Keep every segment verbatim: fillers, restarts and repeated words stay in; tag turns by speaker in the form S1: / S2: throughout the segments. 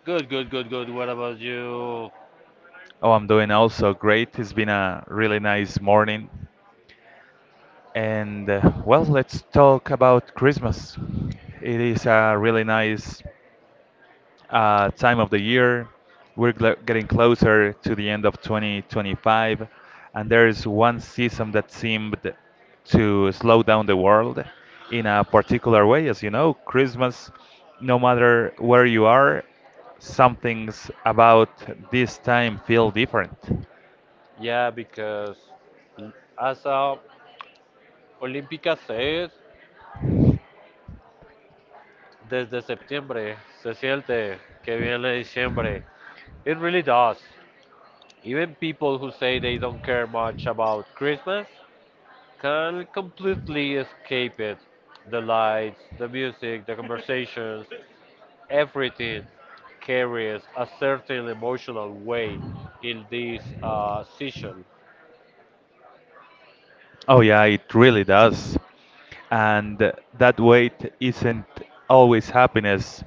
S1: Good, good, good, good. What about you?
S2: Oh, I'm doing also great. It's been a really nice morning. And uh, well, let's talk about Christmas. It is a really nice uh, time of the year. We're gl- getting closer to the end of twenty twenty-five, and there is one season that seemed to slow down the world in a particular way. As you know, Christmas, no matter where you are, some things about this time feel different.
S1: Yeah, because mm, as a Olímpica says, desde septiembre se siente que viene diciembre. It really does. Even people who say they don't care much about Christmas can completely escape it. The lights, the music, the conversations, everything carries a certain emotional weight in this uh, season.
S2: Oh yeah, it really does. And that weight isn't always happiness.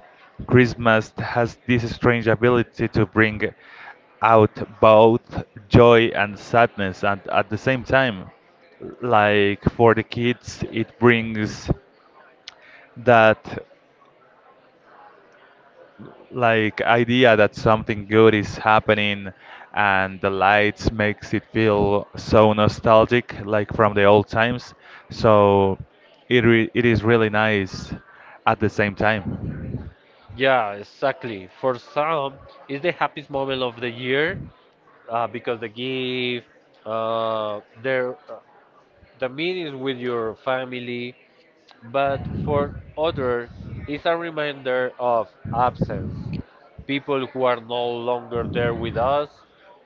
S2: Christmas has this strange ability to bring out both joy and sadness and at the same time. Like for the kids, it brings that like idea that something good is happening, and the lights makes it feel so nostalgic, like from the old times. So it re- it is really nice at the same time.
S1: Yeah, exactly. For some, it's the happiest moment of the year uh, because they give uh, their uh, the meetings with your family. But for other, it's a reminder of absence. People who are no longer there with us,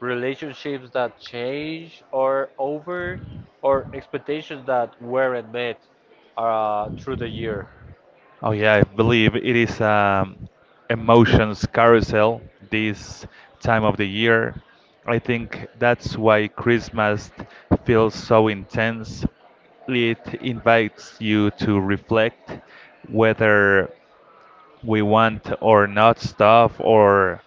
S1: relationships that change or over, or expectations that weren't met uh, through the year.
S2: Oh yeah, I believe it is um, emotions carousel this time of the year. I think that's why Christmas feels so intense. It invites you to reflect whether we want or not stuff, or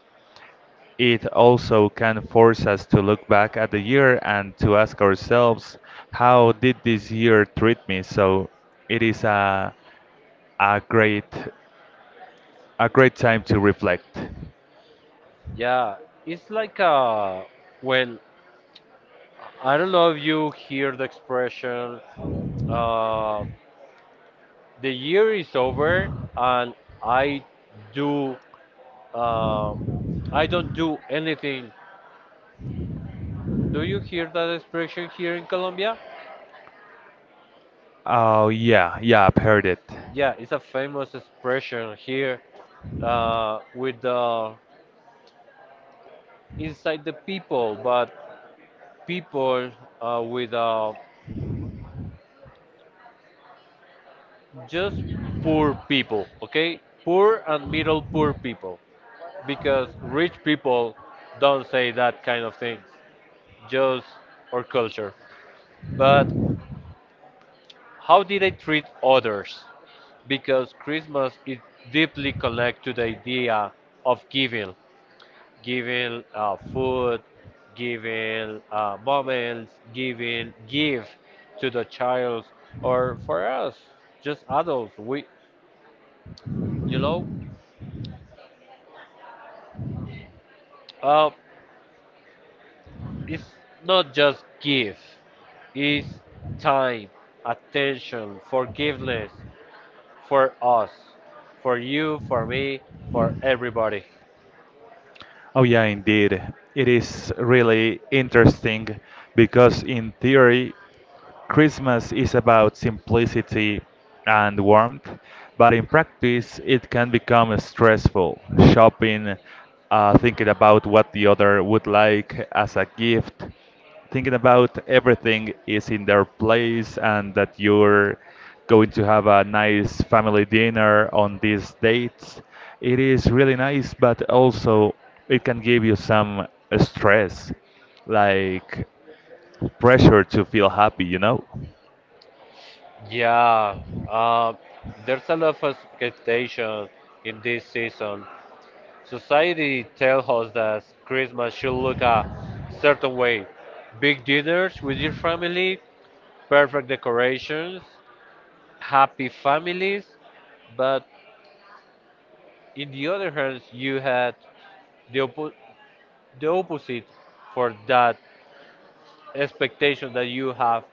S2: it also can force us to look back at the year and to ask ourselves, how did this year treat me? So it is a a great a great time to reflect.
S1: Yeah, it's like uh, when I don't know if you hear the expression, uh, the year is over and I do, uh, I don't do anything. Do you hear that expression here in Colombia?
S2: Oh yeah, yeah, I've heard it.
S1: Yeah, it's a famous expression here uh, with the inside the people, but people uh, with uh, just poor people, okay? Poor and middle poor people, because rich people don't say that kind of things, just our culture. But how did I treat others? Because Christmas is deeply connected to the idea of giving, giving uh, food, giving uh, moments, giving give to the child, or for us, just adults. We, you know, uh, it's not just give, it's time, attention, forgiveness for us, for you, for me, for everybody.
S2: Oh, yeah, indeed. It is really interesting because, in theory, Christmas is about simplicity and warmth, but in practice, it can become stressful. Shopping, uh, thinking about what the other would like as a gift, thinking about everything is in their place and that you're going to have a nice family dinner on these dates. It is really nice, but also it can give you some stress, like pressure to feel happy, you know?
S1: Yeah, uh, there's a lot of expectation in this season. Society tells us that Christmas should look a certain way. Big dinners with your family, perfect decorations, happy families, but in the other hand, you had the, oppo- the opposite for that expectation that you have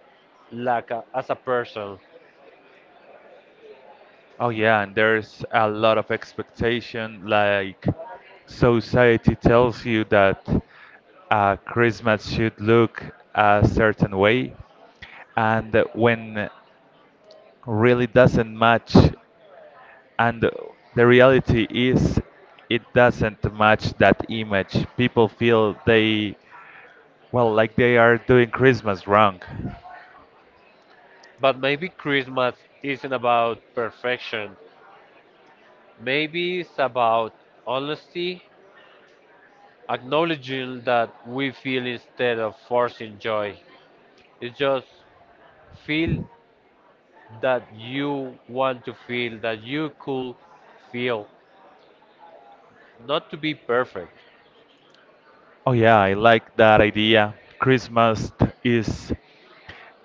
S1: like a, as a person.
S2: Oh yeah, and there's a lot of expectation. Like society tells you that uh, Christmas should look a certain way, and when really doesn't match, and the reality is it doesn't match that image. People feel they, well, like they are doing Christmas wrong.
S1: But maybe Christmas isn't about perfection. Maybe it's about honesty, acknowledging that we feel instead of forcing joy. It's just feel that you want to feel, that you could feel, not to be perfect.
S2: Oh yeah, I like that idea. Christmas is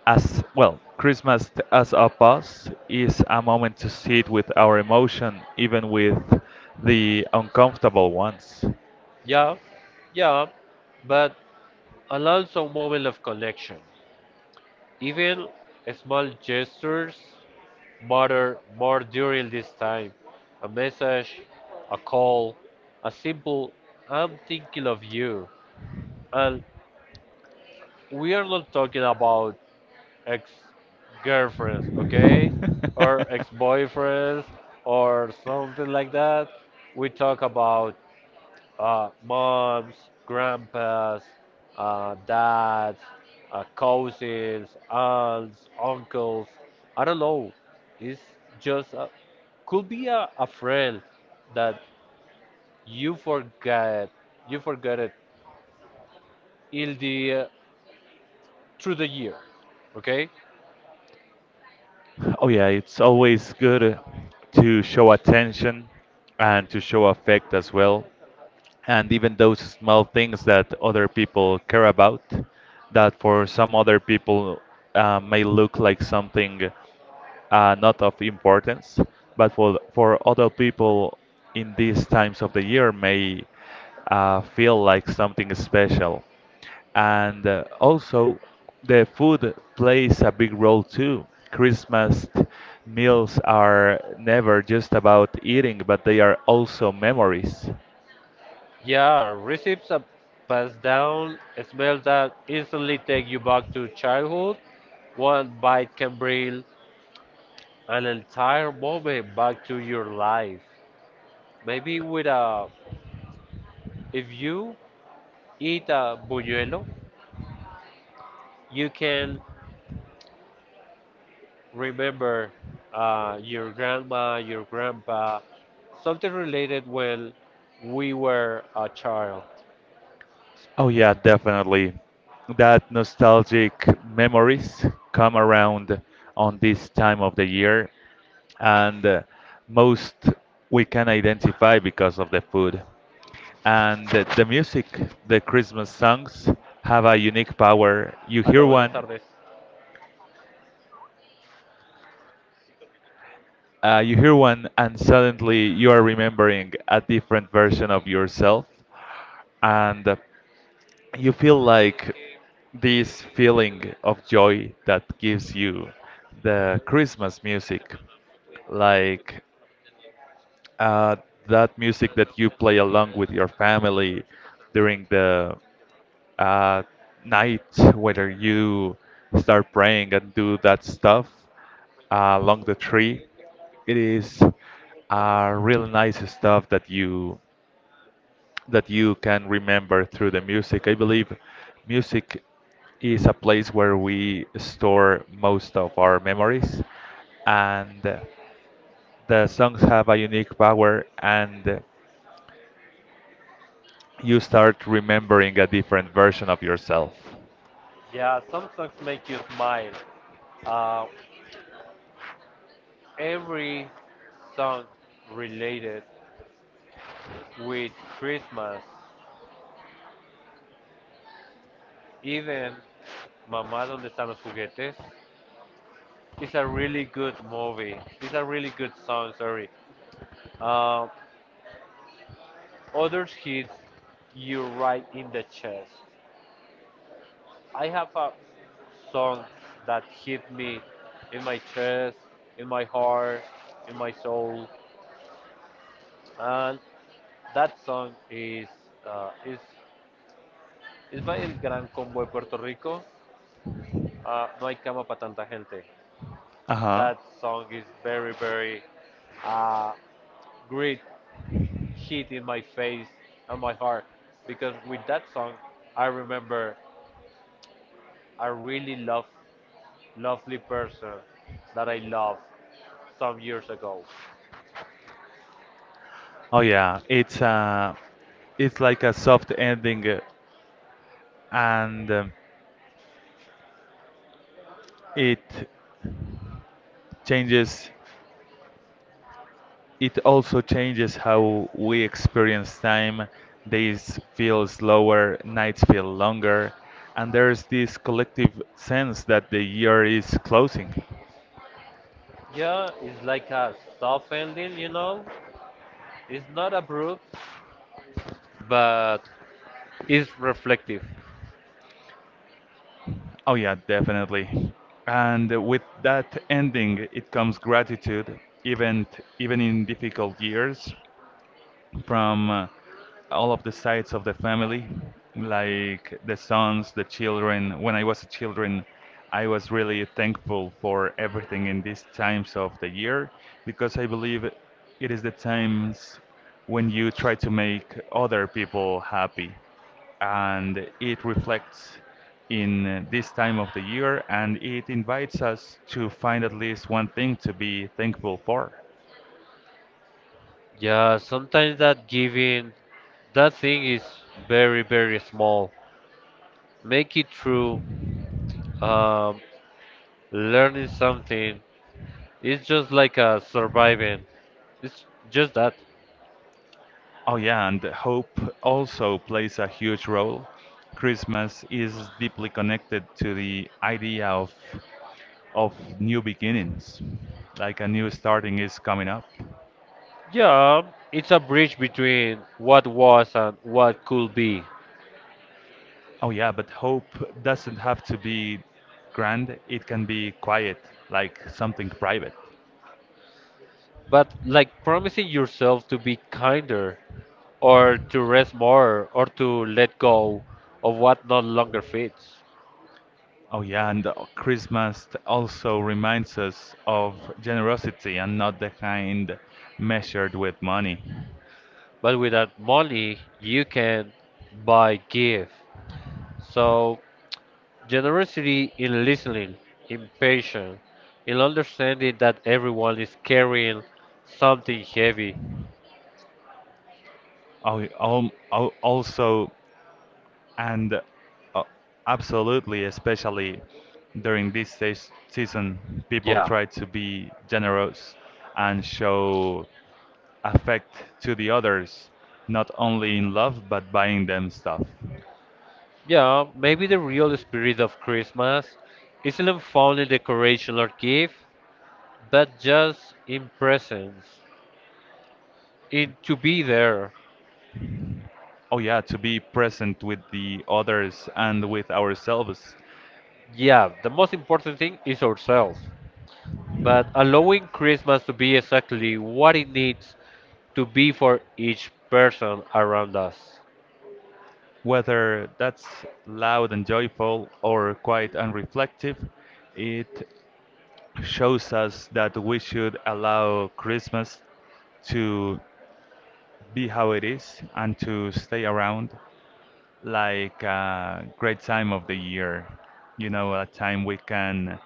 S2: as well, Christmas t- as a pause is a moment to sit with our emotion, even with the uncomfortable ones.
S1: Yeah, yeah, but allow some moment of connection. Even small gestures matter more during this time. A message, a call, a simple I'm thinking of you. And we are not talking about ex girlfriends, okay? Or ex boyfriends or something like that. We talk about uh, moms, grandpas, uh, dads, uh, cousins, aunts, uncles. I don't know. It's just a, could be a, a friend that you forget, you forget it in the uh, through the year. Okay?
S2: Oh yeah, it's always good uh, to show attention and to show affect as well, and even those small things that other people care about, that for some other people uh, may look like something uh, not of importance, but for for other people in these times of the year may uh, feel like something special. And uh, also the food plays a big role too. Christmas meals are never just about eating, but they are also memories.
S1: Yeah, receipts are passed down. Smells that instantly take you back to childhood. One bite can bring an entire moment back to your life. Maybe with a, if you eat a buñuelo, you can remember uh, your grandma, your grandpa, something related when we were a child.
S2: Oh yeah, definitely. That nostalgic memories come around on this time of the year, and uh, most we can identify because of the food. And the the music, the Christmas songs have a unique power. You hear
S1: Hello, buenas
S2: one,
S1: tardes.
S2: uh, you hear one, and suddenly you are remembering a different version of yourself. And you feel like this feeling of joy that gives you the Christmas music, like uh, that music that you play along with your family during the uh, night, whether you start praying and do that stuff uh, along the tree. It is uh, really nice stuff that you that you can remember through the music. I believe music is a place where we store most of our memories, and the songs have a unique power, and you start remembering a different version of yourself.
S1: Yeah, some songs make you smile. Uh, every song related with Christmas, even Mamá, ¿dónde están los juguetes? It's a really good movie. It's a really good song. Sorry. Uh, others hits you right in the chest. I have a song that hit me in my chest, in my heart, in my soul, and that song is uh, is is by El Gran Combo de Puerto Rico. Uh, no hay cama para tanta gente.
S2: Uh huh.
S1: That song is very very uh, great hit in my face and my heart because with that song I remember a really love lovely person that I loved some years ago.
S2: Oh yeah, it's uh it's like a soft ending, uh, and um, it changes. It also changes how we experience time. Days feel slower, nights feel longer, and there's this collective sense that the year is closing.
S1: Yeah, it's like a soft ending, you know. It's not abrupt, but it's reflective.
S2: Oh yeah, definitely. And with that ending, it comes gratitude, even even in difficult years. From uh, all of the sides of the family, like the sons, the children. When I was a children, I was really thankful for everything in these times of the year, because I believe it is the times when you try to make other people happy, and it reflects in this time of the year, and it invites us to find at least one thing to be thankful for.
S1: Yeah, sometimes that giving, that thing is very, very small. Make it through. Um, learning something. It's just like a surviving. It's just that.
S2: Oh yeah, and hope also plays a huge role. Christmas is deeply connected to the idea of of new beginnings, like a new starting is coming up.
S1: Yeah, it's a bridge between what was and what could be.
S2: Oh yeah, but hope doesn't have to be grand. It can be quiet, like something private.
S1: But like promising yourself to be kinder, or to rest more, or to let go of what no longer fits.
S2: Oh yeah, and uh, Christmas also reminds us of generosity, and not the kind measured with money.
S1: But without money, you can buy give. So, generosity in listening, in patience, in understanding that everyone is carrying something heavy.
S2: Oh, al- al- also and uh, Absolutely, especially during this se- season, people
S1: Yeah,
S2: try to be generous and show affect to the others, not only in love but buying them stuff.
S1: yeah, maybe the real spirit of Christmas isn't found in decoration or gift, but just in presence, in to be there.
S2: Oh yeah, to be present with the others and with ourselves,
S1: Yeah, the most important thing is ourselves, but allowing Christmas to be exactly what it needs to be for each person around us.
S2: whether that's loud and joyful or quite unreflective, it shows us that we should allow Christmas to be how it is and to stay around like a great time of the year. You know, a time we can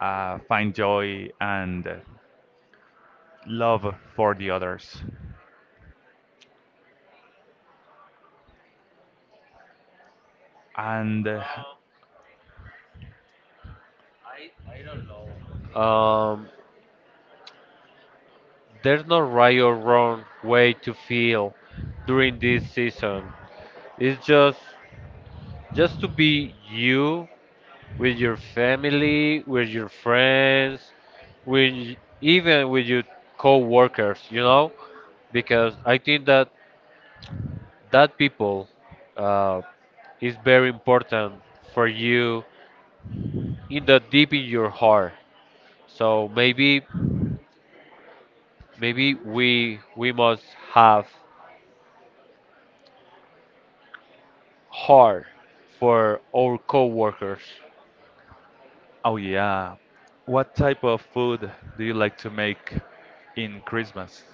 S2: uh, find joy and love for the others. And uh,
S1: Um, there's no right or wrong way to feel during this season. It's just just to be you with your family, with your friends, with y- even with your co-workers, you know, because I think that that people uh, is very important for you in the deep in your heart. So maybe maybe we we must have heart for our co-workers.
S2: oh yeah. What type of food do you like to make in Christmas?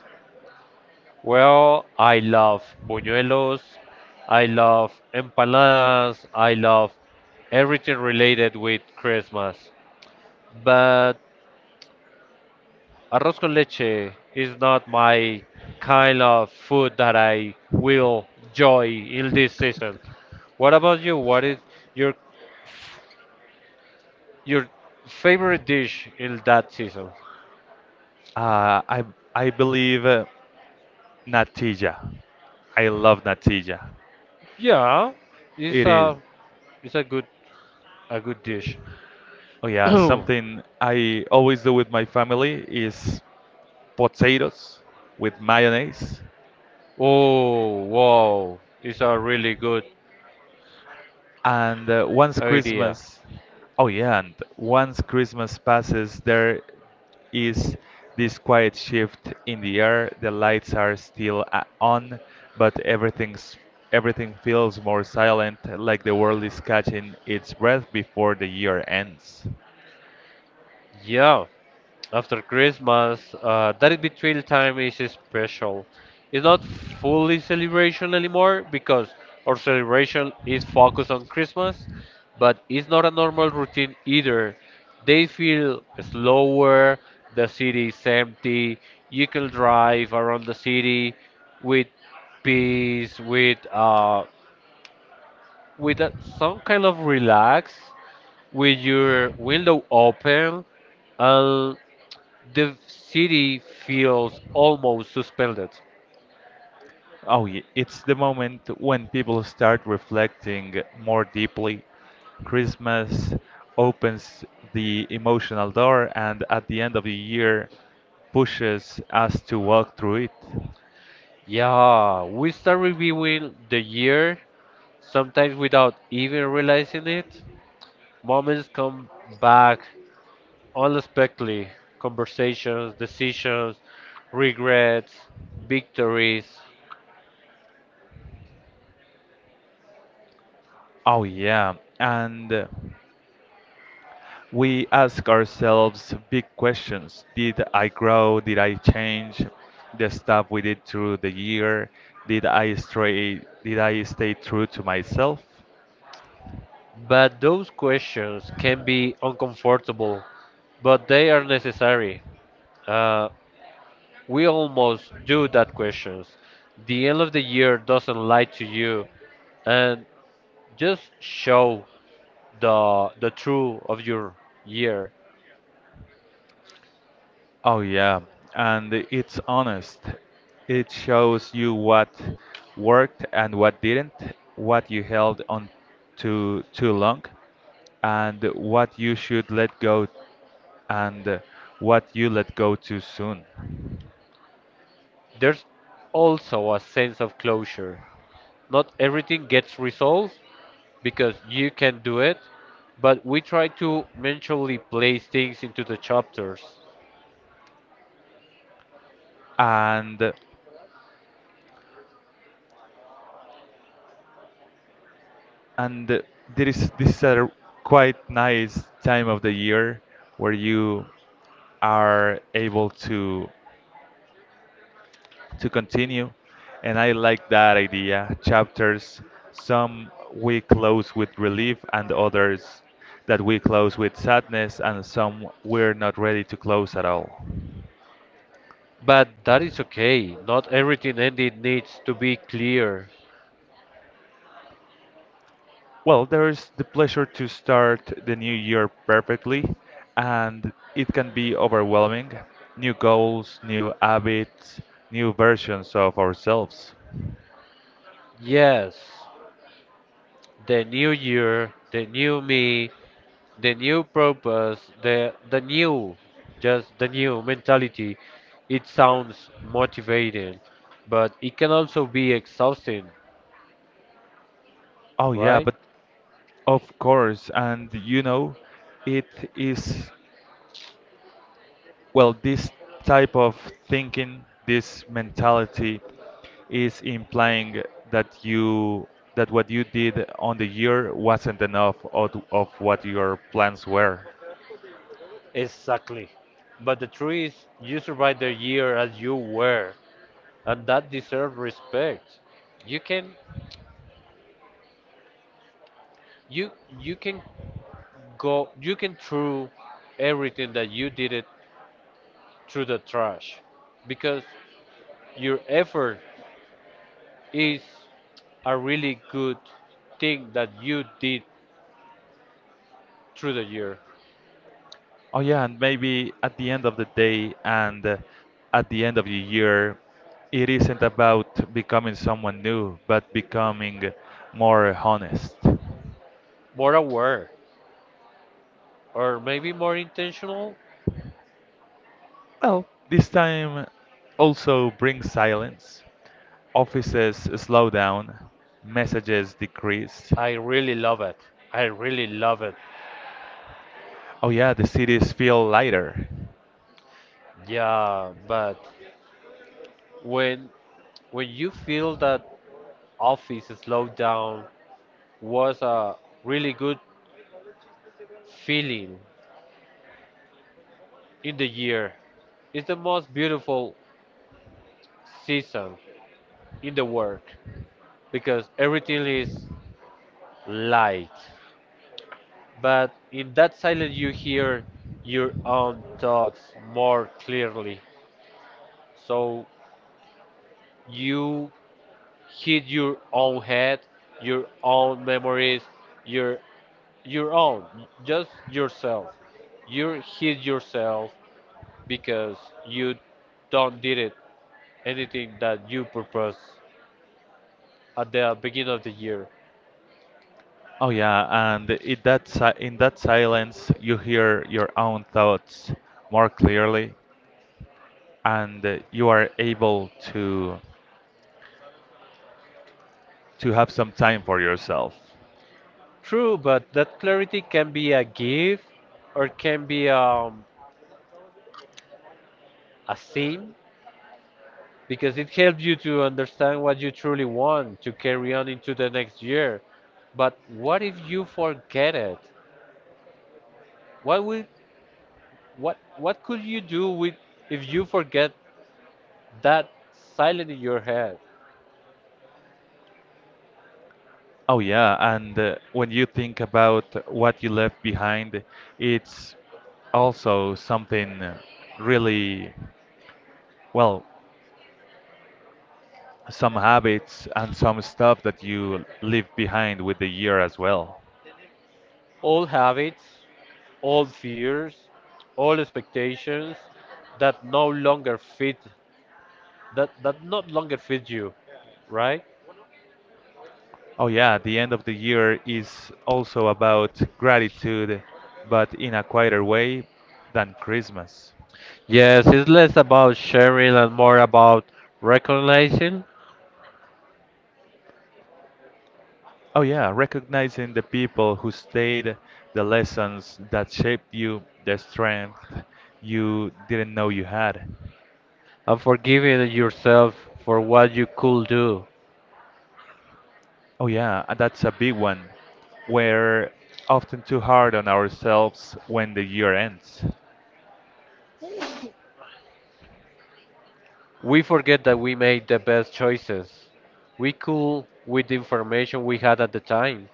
S1: Well, I love buñuelos, I love empanadas, I love everything related with Christmas. But arroz con leche is not my kind of food that I will enjoy in this season. What about you? What is your your favorite dish in that season?
S2: uh, I I believe uh, natilla. I love natilla.
S1: Yeah, it's
S2: It is.
S1: a it's a good a good dish.
S2: Oh yeah,
S1: Oh
S2: something I always do with my family is potatoes with mayonnaise.
S1: wow, it's a really good
S2: And uh, once
S1: idea.
S2: Christmas, oh yeah, and once Christmas passes, there is this quiet shift in the air. The lights are still a- on, but everything's everything feels more silent, like the world is catching its breath before the year ends.
S1: Yeah, after Christmas, uh, that betrayal time is special. It's not fully celebration anymore because our celebration is focused on Christmas, but it's not a normal routine either. They feel slower, the city is empty, you can drive around the city with peace, with uh, with a, some kind of relax, with your window open, and the city feels almost suspended.
S2: Oh, yeah. It's the moment when people start reflecting more deeply. Christmas opens the emotional door, and at the end of the year, pushes us to walk through it.
S1: Yeah, we start reviewing the year, sometimes without even realizing it. Moments come back unexpectedly, conversations, decisions, regrets, victories.
S2: Oh, yeah. And uh, we ask ourselves big questions. Did I grow? Did I change? The stuff we did through the year? Did I stray? Did I stay true to myself?
S1: But those questions can be uncomfortable, but they are necessary. Uh, we almost do that questions. The end of the year doesn't lie to you, and just show the the true of your year.
S2: Oh yeah, and it's honest. It shows you what worked and what didn't, what you held on to too long, and what you should let go, and what you let go too soon.
S1: There's also a sense of closure. Not everything gets resolved because you can do it, but we try to mentally place things into the chapters.
S2: And and there is this is a quite nice time of the year where you are able to to continue. And I like that idea. Chapters, some we close with relief, and others that we close with sadness, and some we're not ready to close at all.
S1: But that is okay. Not everything ended needs to be clear.
S2: Well, there's the pleasure to start the new year perfectly, and it can be overwhelming. New goals, new habits, new versions of ourselves.
S1: Yes, the new year, the new me, the new purpose, the the new, just the new mentality. It sounds motivating, but it can also be exhausting,
S2: Oh, yeah,
S1: right?
S2: but of course, and you know, it is, well, this type of thinking, this mentality is implying that you that what you did on the year wasn't enough of, of what your plans were.
S1: Exactly. But the truth is, you survived the year as you were, and that deserves respect. You can you you can go you can throw everything that you did it through the trash because your effort is a really good thing that you did through the year.
S2: Oh yeah, and maybe at the end of the day, and uh, at the end of the year, it isn't about becoming someone new, but becoming more honest.
S1: More aware or maybe more intentional.
S2: Well, this time also brings silence. Offices slow down, messages decrease.
S1: I really love it. I really love it.
S2: Oh yeah, the cities feel lighter.
S1: Yeah, but when when you feel that office slowdown was a really good feeling in the year, it's the most beautiful season in the work because everything is light, but in that silence you hear your own thoughts more clearly. So you hit your own head, your own memories, your your own, just yourself. You hit yourself because you don't did it anything that you purpose at the beginning of the year.
S2: Oh yeah, and it that si- in that silence you hear your own thoughts more clearly, and uh, you are able to to have some time for yourself.
S1: True, but that clarity can be a gift or can be um, a sin because it helps you to understand what you truly want to carry on into the next year. But what if you forget it? What would what what could you do with if you forget that silent in your head?
S2: Oh yeah, and uh, when you think about what you left behind, it's also something really, well, some habits and some stuff that you leave behind with the year as well.
S1: Old habits, old fears, old expectations that no longer fit, that that no longer fit you, right?
S2: Oh yeah, the end of the year is also about gratitude, but in a quieter way than Christmas.
S1: Yes, it's less about sharing and more about recognizing
S2: Oh, yeah, recognizing the people who stayed, the lessons that shaped you, the strength you didn't know you had.
S1: and forgiving yourself for what you could do.
S2: Oh, yeah, and that's a big one. We're often too hard on ourselves when the year ends.
S1: We forget that we made the best choices. We could with the information we had at the time.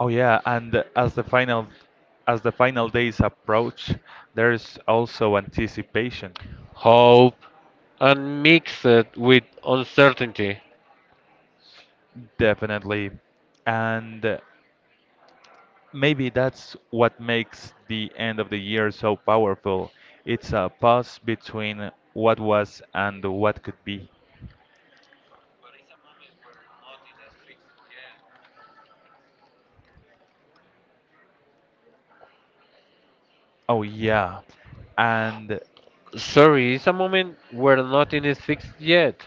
S2: Oh, yeah, and as the final as the final days approach, there's also anticipation.
S1: Hope and mix it with uncertainty.
S2: Definitely. And maybe that's what makes the end of the year so powerful. It's a pause between what was and what could be. Oh, yeah. And
S1: Sorry, it's a moment where nothing is fixed yet.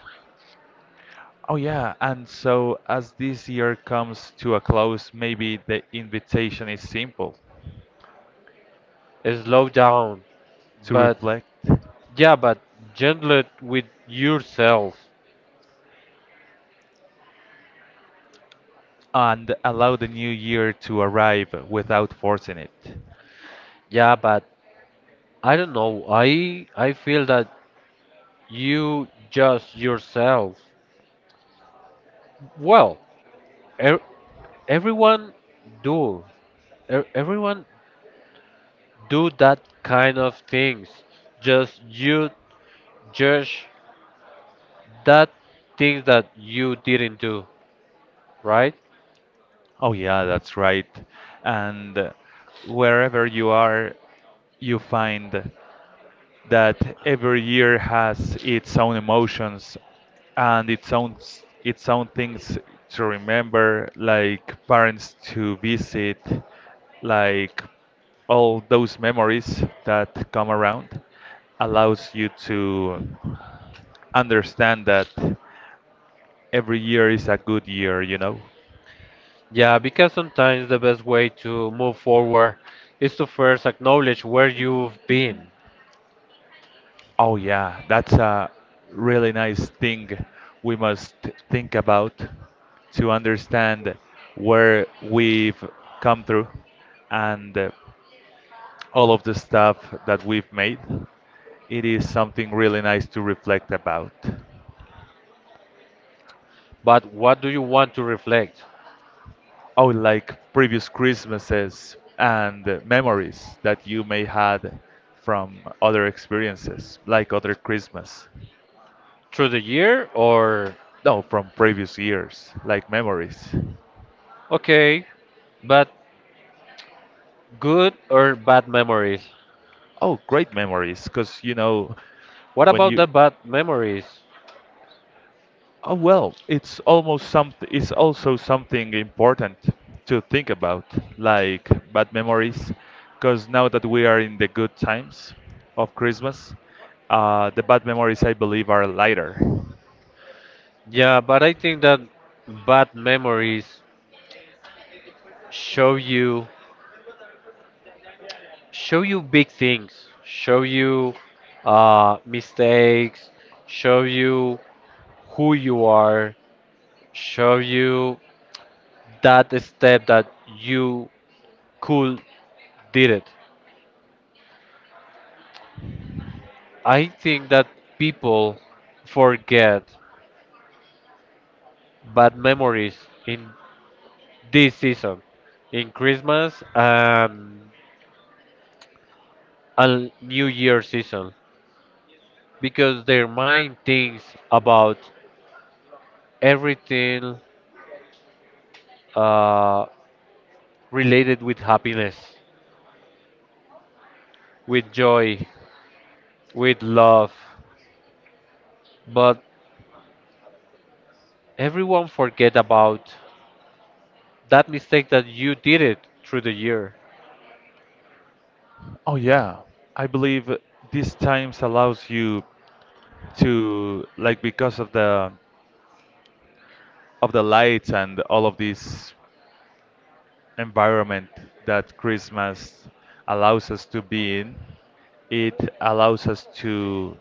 S2: oh, yeah. And so, as this year comes to a close, maybe the invitation is simple,
S1: Slow down.
S2: to
S1: But
S2: reflect
S1: yeah, but gentle it with yourself.
S2: and allow the new year to arrive without forcing it.
S1: Yeah, but I don't know. I I feel that you just yourself. Well, er. everyone do er, everyone do that kind of things, just you judge that things that you didn't do right.
S2: Oh, yeah, that's right. And wherever you are, you find that every year has its own emotions and its own s- its own things to remember, like parents to visit, like all those memories that come around allows you to understand that every year is a good year, you know.
S1: Yeah, because sometimes the best way to move forward is to first acknowledge where you've been.
S2: Oh yeah, that's a really nice thing we must think about, to understand where we've come through, and uh, all of the stuff that we've made. It is something really nice to reflect about.
S1: But what do you want to reflect
S2: Oh, like previous Christmases, and uh, memories that you may had from other experiences, like other Christmas.
S1: through the year or
S2: No, from previous years, like memories.
S1: okay, but good or bad memories,
S2: Oh, great memories, because you know
S1: what
S2: when
S1: about
S2: you
S1: the bad memories?
S2: oh well, it's almost something. It's also something important to think about, like bad memories, because now that we are in the good times of Christmas, uh, the bad memories I believe are lighter.
S1: Yeah, but I think that bad memories show you show you big things, show you uh, mistakes, show you who you are, show you that step that you could did it. I think that people forget bad memories in this season, in Christmas and, and new year season, because their mind thinks about everything uh, related with happiness, with joy, with love. But everyone forget about that mistake that you did it through the year.
S2: Oh yeah, I believe these times allows you to, like, because of the of the lights and all of these environment that Christmas allows us to be in, it allows us to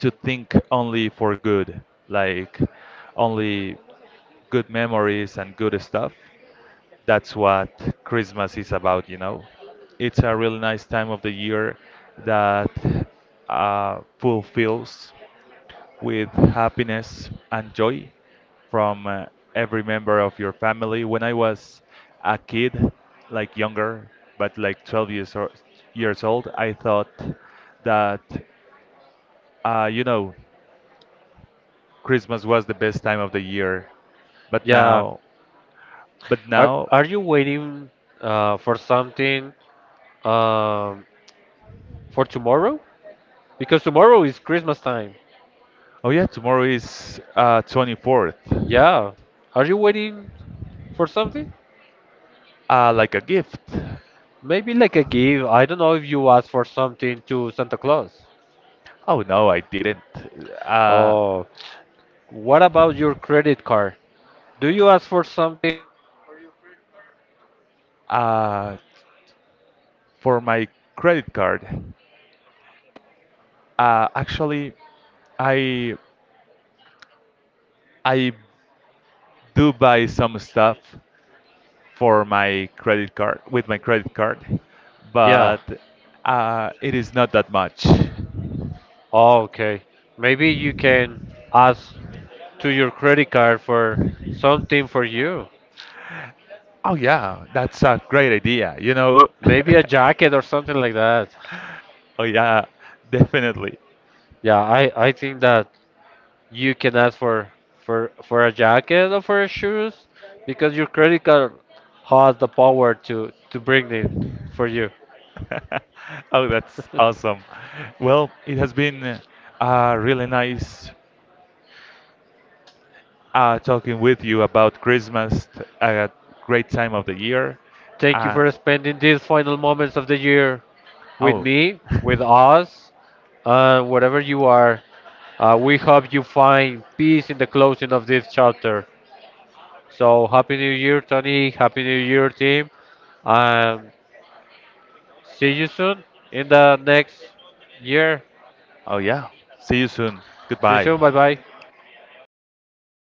S2: to think only for good, like only good memories and good stuff. That's what Christmas is about, you know. It's a really nice time of the year that uh, fulfills with happiness and joy from uh, every member of your family. When I was a kid, like younger, but like twelve years or, years old, I thought that uh, you know, Christmas was the best time of the year. But
S1: Yeah.
S2: now, but
S1: Are
S2: now,
S1: are you waiting uh, for something um, for tomorrow? Because tomorrow is Christmas time.
S2: oh yeah, tomorrow is uh, the twenty-fourth.
S1: Yeah. Are you waiting for something?
S2: Uh, like a gift.
S1: Maybe like a gift. I don't know if you ask for something to Santa Claus.
S2: Oh no, I didn't. Uh,
S1: Oh, what about your credit card? Do you ask for something?
S2: uh, for my credit card. Uh, actually, I I do buy some stuff for my credit card with my credit card,
S1: Yeah.
S2: but uh, it is not that much.
S1: Oh, okay. Maybe you can ask to your credit card for something for you.
S2: Oh yeah, that's a great idea, you know.
S1: Maybe a jacket or something like that.
S2: Oh yeah, definitely.
S1: Yeah, I, I think that you can ask for, for for a jacket or for shoes because your credit card has the power to, to bring it for you.
S2: Oh, that's awesome. Well, it has been a really nice uh, talking with you about Christmas, t- a great time of the year.
S1: Thank you
S2: Uh,
S1: for spending these final moments of the year with
S2: oh.
S1: me, with us, and wherever you are. Uh, we hope you find peace in the closing of this chapter. So happy New Year, Tony. Happy New Year, team. Um, see you soon in the next year.
S2: Oh, yeah. See you soon.
S1: See you
S2: Goodbye.
S1: soon. Bye bye.